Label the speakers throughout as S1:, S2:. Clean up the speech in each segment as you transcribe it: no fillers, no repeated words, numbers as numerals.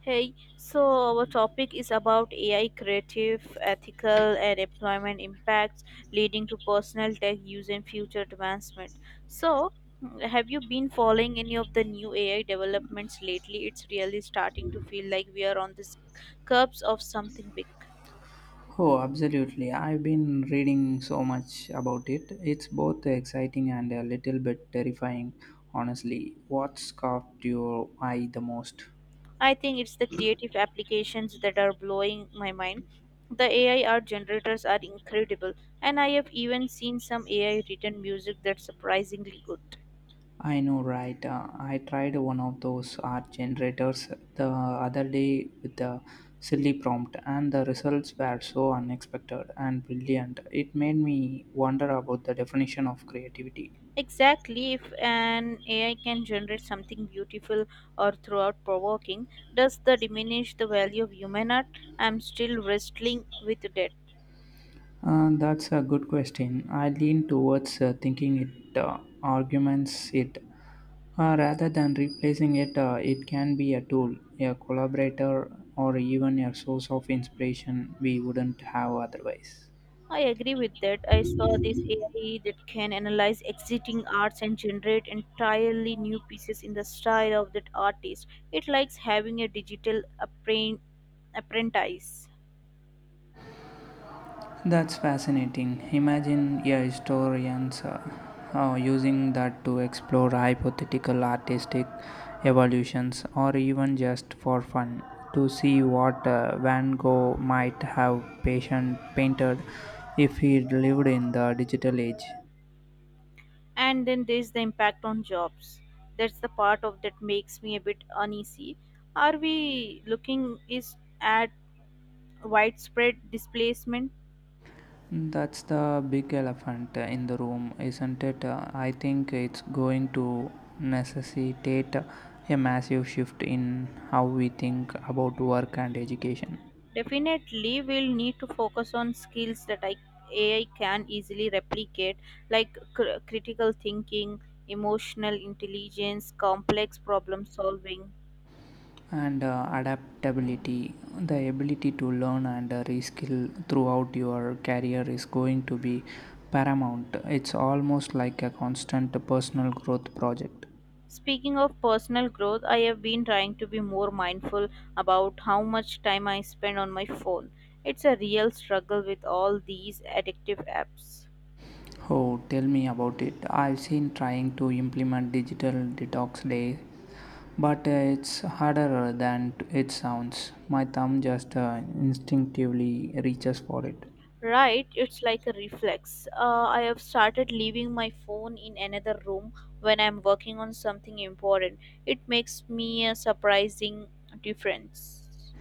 S1: Hey, so our topic is about AI creative, ethical, and employment impacts leading to personal tech use and future advancement. So, have you been following any of the new AI developments lately? It's really starting to feel like we are on the curbs of something big.
S2: Oh, absolutely. I've been reading so much about it. It's both exciting and a little bit terrifying, honestly. What's caught your eye the most?
S1: I think it's the creative applications that are blowing my mind. The AI art generators are incredible, and I have even seen some AI written music that's surprisingly good.
S2: I know, right? I tried one of those art generators the other day with a silly prompt, and the results were so unexpected and brilliant. It made me wonder about the definition of creativity.
S1: Exactly, if an AI can generate something beautiful or throughout provoking, does that diminish the value of human art? I'm still wrestling with that.
S2: That's a good question. I lean towards thinking it arguments it. Rather than replacing it, it can be a tool, a collaborator, or even a source of inspiration we wouldn't have otherwise.
S1: I agree with that. I saw this AI that can analyze existing arts and generate entirely new pieces in the style of that artist. It likes having a digital appren- apprentice.
S2: That's fascinating. Imagine a historians using that to explore hypothetical artistic evolutions or even just for fun to see what Van Gogh might have patient painted if he lived in the digital age.
S1: And then there's the impact on jobs. That's the part of that makes me a bit uneasy. Are we looking is at widespread displacement?
S2: That's the big elephant in the room, isn't it? I think it's going to necessitate a massive shift in how we think about work and education.
S1: Definitely we'll need to focus on skills that ai can easily replicate, like critical thinking, emotional intelligence, complex problem solving.
S2: And adaptability. The ability to learn and reskill throughout your career is going to be paramount. It's almost like a constant personal growth project.
S1: Speaking of personal growth, I have been trying to be more mindful about how much time I spend on my phone. It's a real struggle with all these addictive apps.
S2: Oh, tell me about it. I've seen trying to implement digital detox day, but it's harder than it sounds. My thumb just instinctively reaches for it.
S1: Right, it's like a reflex. I have started leaving my phone in another room when I'm working on something important. It makes me a surprising difference.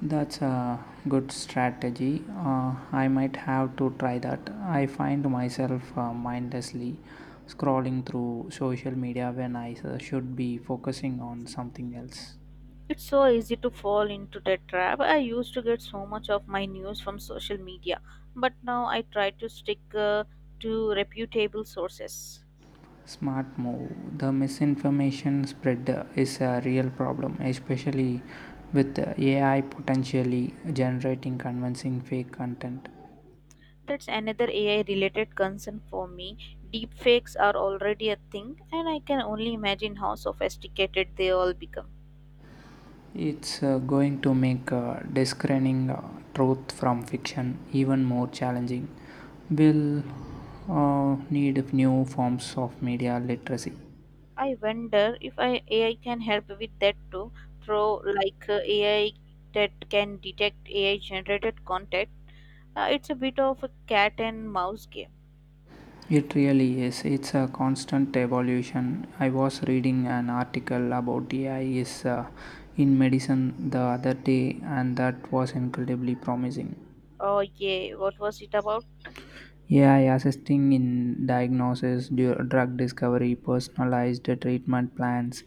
S2: That's a good strategy. I might have to try that. I find myself mindlessly scrolling through social media when I should be focusing on something else.
S1: It's so easy to fall into that trap. I used to get so much of my news from social media, but now I try to stick to reputable sources.
S2: Smart move. The misinformation spread is a real problem, especially with AI potentially generating convincing fake content.
S1: That's another AI related concern for me. Deepfakes are already a thing, and I can only imagine how sophisticated they all become.
S2: It's going to make discerning truth from fiction even more challenging. We'll need new forms of media literacy.
S1: I wonder if AI can help with that too, through like AI that can detect AI generated content. It's a bit of a cat and mouse game.
S2: It really is. It's a constant evolution. I was reading an article about AI is in medicine the other day, and that was incredibly promising.
S1: Oh, yeah, what was it about?
S2: AI assisting in diagnosis, drug discovery, personalized treatment plans.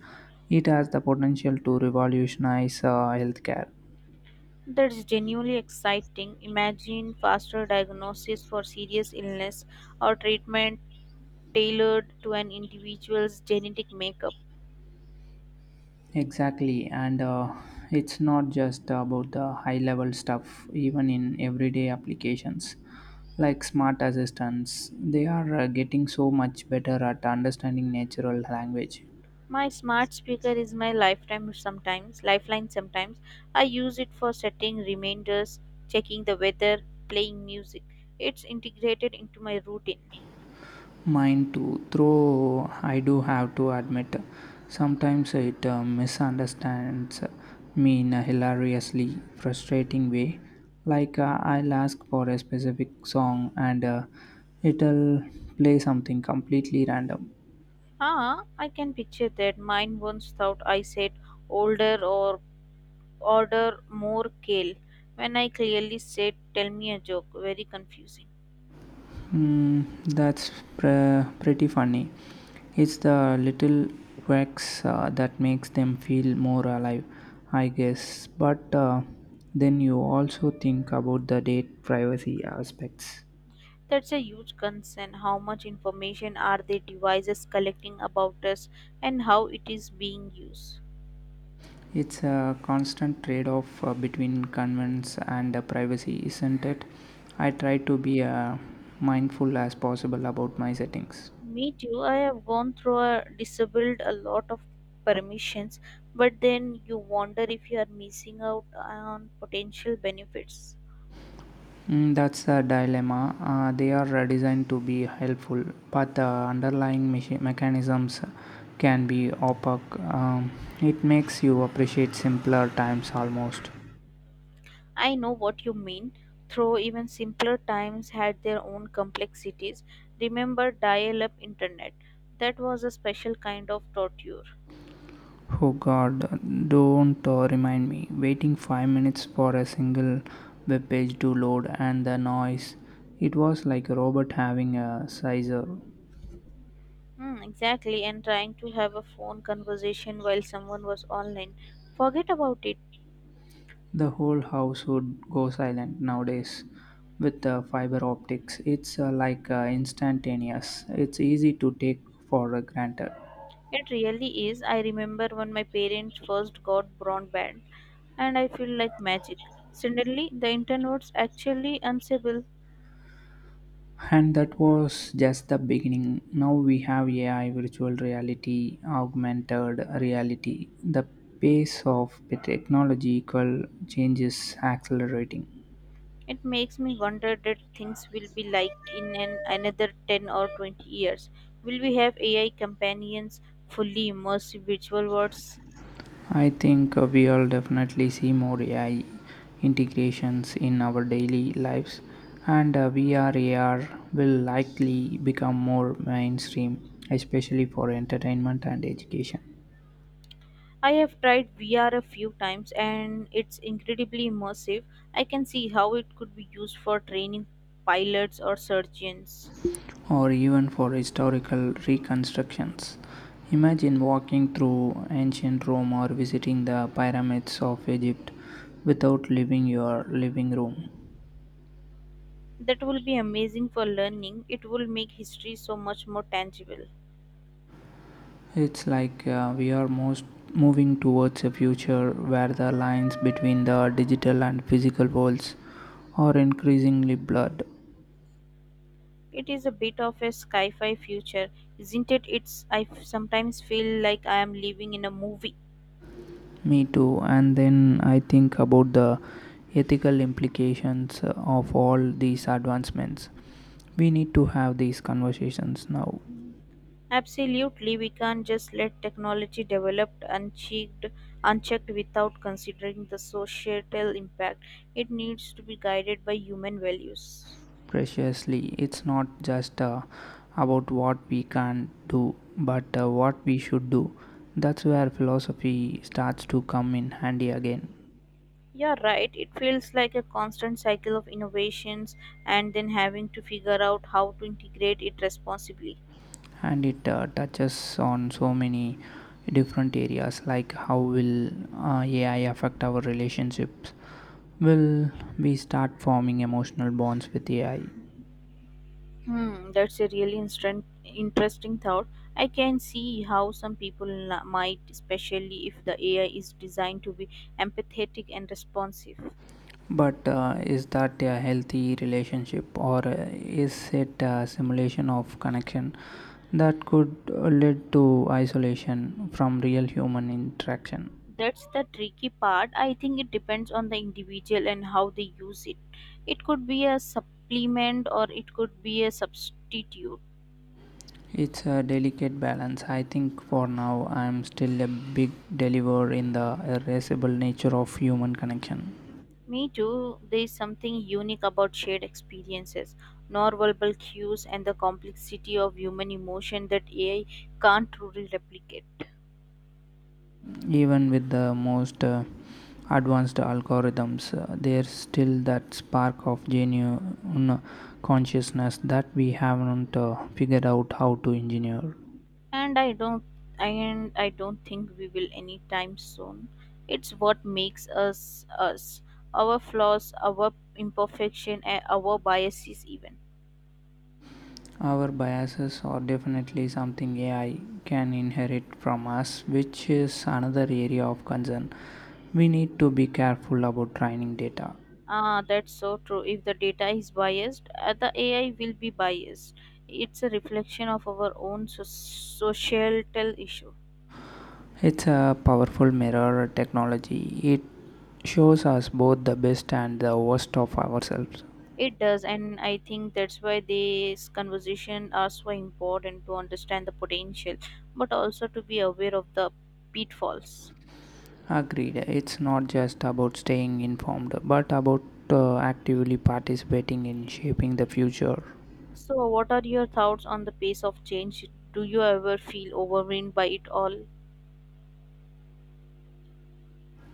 S2: It has the potential to revolutionize healthcare.
S1: That's genuinely exciting. Imagine faster diagnosis for serious illness, or treatment tailored to an individual's genetic makeup.
S2: Exactly, and it's not just about the high level stuff. Even in everyday applications like smart assistants, they are getting so much better at understanding natural language.
S1: My smart speaker is my lifeline sometimes. I use it for setting reminders, checking the weather, playing music. It's integrated into my routine.
S2: Mine too, though I do have to admit, sometimes it misunderstands me in a hilariously frustrating way. Like I'll ask for a specific song and it'll play something completely random.
S1: Ah, I can picture that. Mine once thought I said older or order more kale when I clearly said, "Tell me a joke?" Very confusing.
S2: Mm, that's pretty funny. It's the little quirks that makes them feel more alive, I guess. But then you also think about the date privacy aspects.
S1: That's a huge concern. How much information are the devices collecting about us, and how it is being used?
S2: It's a constant trade off between convenience and privacy, isn't it? I try to be mindful as possible about my settings.
S1: Me too, I have gone through a disabled a lot of permissions, but then you wonder if you are missing out on potential benefits.
S2: Mm, that's a dilemma. They are designed to be helpful, but the underlying mechanisms can be opaque. It makes you appreciate simpler times almost.
S1: I know what you mean, though even simpler times had their own complexities. Remember dial up internet? That was a special kind of torture.
S2: Oh god, don't remind me. Waiting 5 minutes for a single web page to load, and the noise. It was like a robot having a sizer.
S1: Hmm, exactly, and trying to have a phone conversation while someone was online. Forget about it.
S2: The whole house would go silent. Nowadays, with the fiber optics, it's like instantaneous. It's easy to take for granted.
S1: It really is. I remember when my parents first got broadband, and I feel like magic. Suddenly, the internet was actually unstable.
S2: And that was just the beginning. Now we have AI, virtual reality, augmented reality. The pace of the technological change is accelerating.
S1: It makes me wonder that things will be like in another 10 or 20 years. Will we have AI companions, fully immersive virtual worlds?
S2: I think we will definitely see more AI integrations in our daily lives, and VR will likely become more mainstream, especially for entertainment and education,
S1: I have tried VR a few times, and it's incredibly immersive. I can see how it could be used for training pilots or surgeons.
S2: or even for historical reconstructions. Imagine walking through ancient Rome or visiting the pyramids of Egypt without leaving your living room.
S1: That will be amazing for learning. It will make history so much more tangible.
S2: It's like we are most moving towards a future where the lines between the digital and physical worlds are increasingly blurred.
S1: It is a bit of a sci fi future, isn't it? Sometimes feel like I am living in a movie.
S2: Me too. And then I think about the ethical implications of all these advancements. We need to have these conversations now,
S1: Absolutely, we can't just let technology develop unchecked without considering the societal impact. It needs to be guided by human values.
S2: preciously. It's not just about what we can do, but what we should do. That's where philosophy starts to come in handy again.
S1: Yeah, right. It feels like a constant cycle of innovations and then having to figure out how to integrate it responsibly.
S2: And it touches on so many different areas, like, how will AI affect our relationships? Will we start forming emotional bonds with AI?
S1: Hmm, that's a really interesting thought. I can see how some people might, especially if the AI is designed to be empathetic and responsive.
S2: But is that a healthy relationship, or is it a simulation of connection that could lead to isolation from real human interaction?
S1: That's the tricky part. I think it depends on the individual and how they use it. It could be a supplement or it could be a substitute.
S2: It's a delicate balance. I think for now I'm still a big believer in the irascible nature of human connection.
S1: Me too, there is something unique about shared experiences, non-verbal cues, and the complexity of human emotion that AI can't truly replicate.
S2: Even with the most advanced algorithms, there's still that spark of genuine consciousness that we haven't figured out how to engineer.
S1: And I don't, and I don't think we will anytime soon. It's what makes us us, our flaws, our imperfection, and our biases even.
S2: Our biases are definitely something AI can inherit from us, which is another area of concern. We need to be careful about training data.
S1: Ah, that's so true. If the data is biased, the AI will be biased. It's a reflection of our own societal issue.
S2: It's a powerful mirror technology. It shows us both the best and the worst of ourselves.
S1: It does, and I think that's why these conversations are so important to understand the potential, but also to be aware of the pitfalls.
S2: Agreed. It's not just about staying informed, but about actively participating in shaping the future.
S1: So, what are your thoughts on the pace of change? Do you ever feel overwhelmed by it all?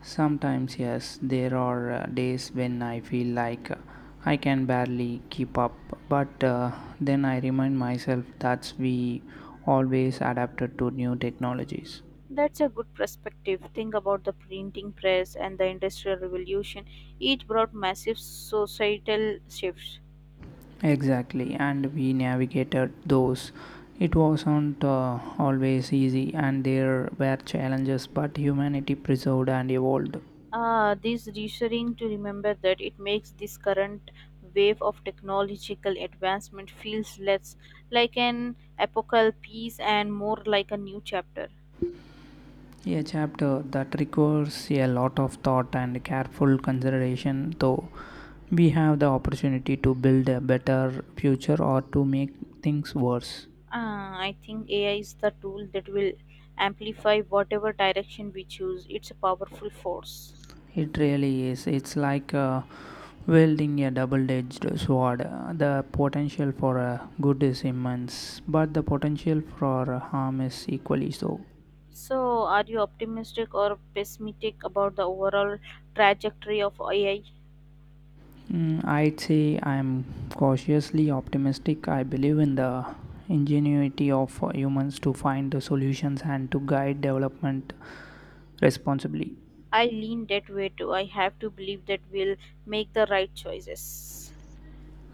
S2: Sometimes, yes, there are days when I feel like I can barely keep up, but then I remind myself that we always adapted to new technologies.
S1: That's a good perspective. Think about the printing press and the Industrial Revolution. Each brought massive societal shifts.
S2: Exactly, and we navigated those. It wasn't always easy, and there were challenges, but humanity preserved and evolved.
S1: Ah, this reassuring to remember that it makes this current wave of technological advancement feels less like an apocalypse and more like a new chapter.
S2: A chapter that requires a lot of thought and careful consideration, though. We have the opportunity to build a better future or to make things worse.
S1: Ah, I think AI is the tool that will amplify whatever direction we choose. It's a powerful force.
S2: It really is. It's like wielding a double edged sword. The potential for good is immense, but the potential for harm is equally so.
S1: So, are you optimistic or pessimistic about the overall trajectory of AI?
S2: Mm, I'd say I'm cautiously optimistic. I believe in the ingenuity of humans to find the solutions and to guide development responsibly.
S1: I lean that way too. I have to believe that we'll make the right choices.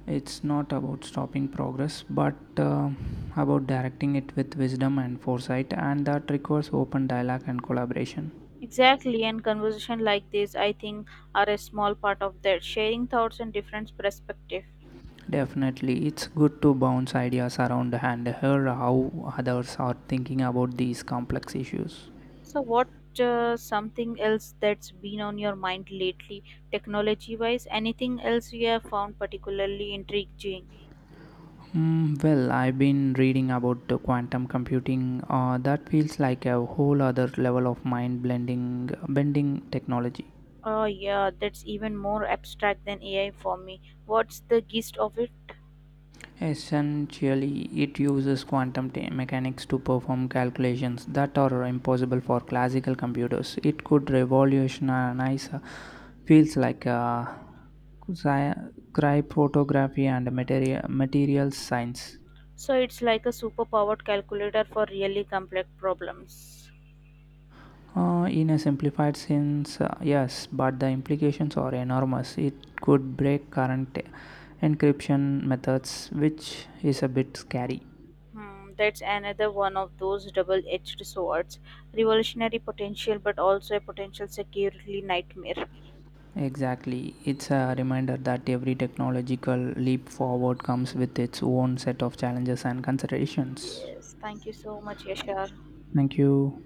S2: It's not about stopping progress, but about directing it with wisdom and foresight, and that requires open dialogue and collaboration.
S1: Exactly, and conversation like this, I think, are a small part of that, sharing thoughts and different perspective.
S2: Definitely, it's good to bounce ideas around and hear how others are thinking about these complex issues.
S1: So, what something else that's been on your mind lately, technology-wise? Anything else you have found particularly intriguing?
S2: Mm, well, I've been reading about the quantum computing. That feels like a whole other level of mind bending technology.
S1: Oh, yeah, that's even more abstract than AI for me. What's the gist of it?
S2: Essentially, it uses quantum mechanics to perform calculations that are impossible for classical computers. It could revolutionize fields like cryptography and materials science.
S1: So it's like a superpowered calculator for really complex problems.
S2: In a simplified sense, yes, but the implications are enormous. It could break current encryption methods, which is a bit scary.
S1: Hmm, that's another one of those double-edged swords. Revolutionary potential, but also a potential security nightmare.
S2: Exactly. It's a reminder that every technological leap forward comes with its own set of challenges and considerations.
S1: Yes, thank you so much, Yashar.
S2: Thank you.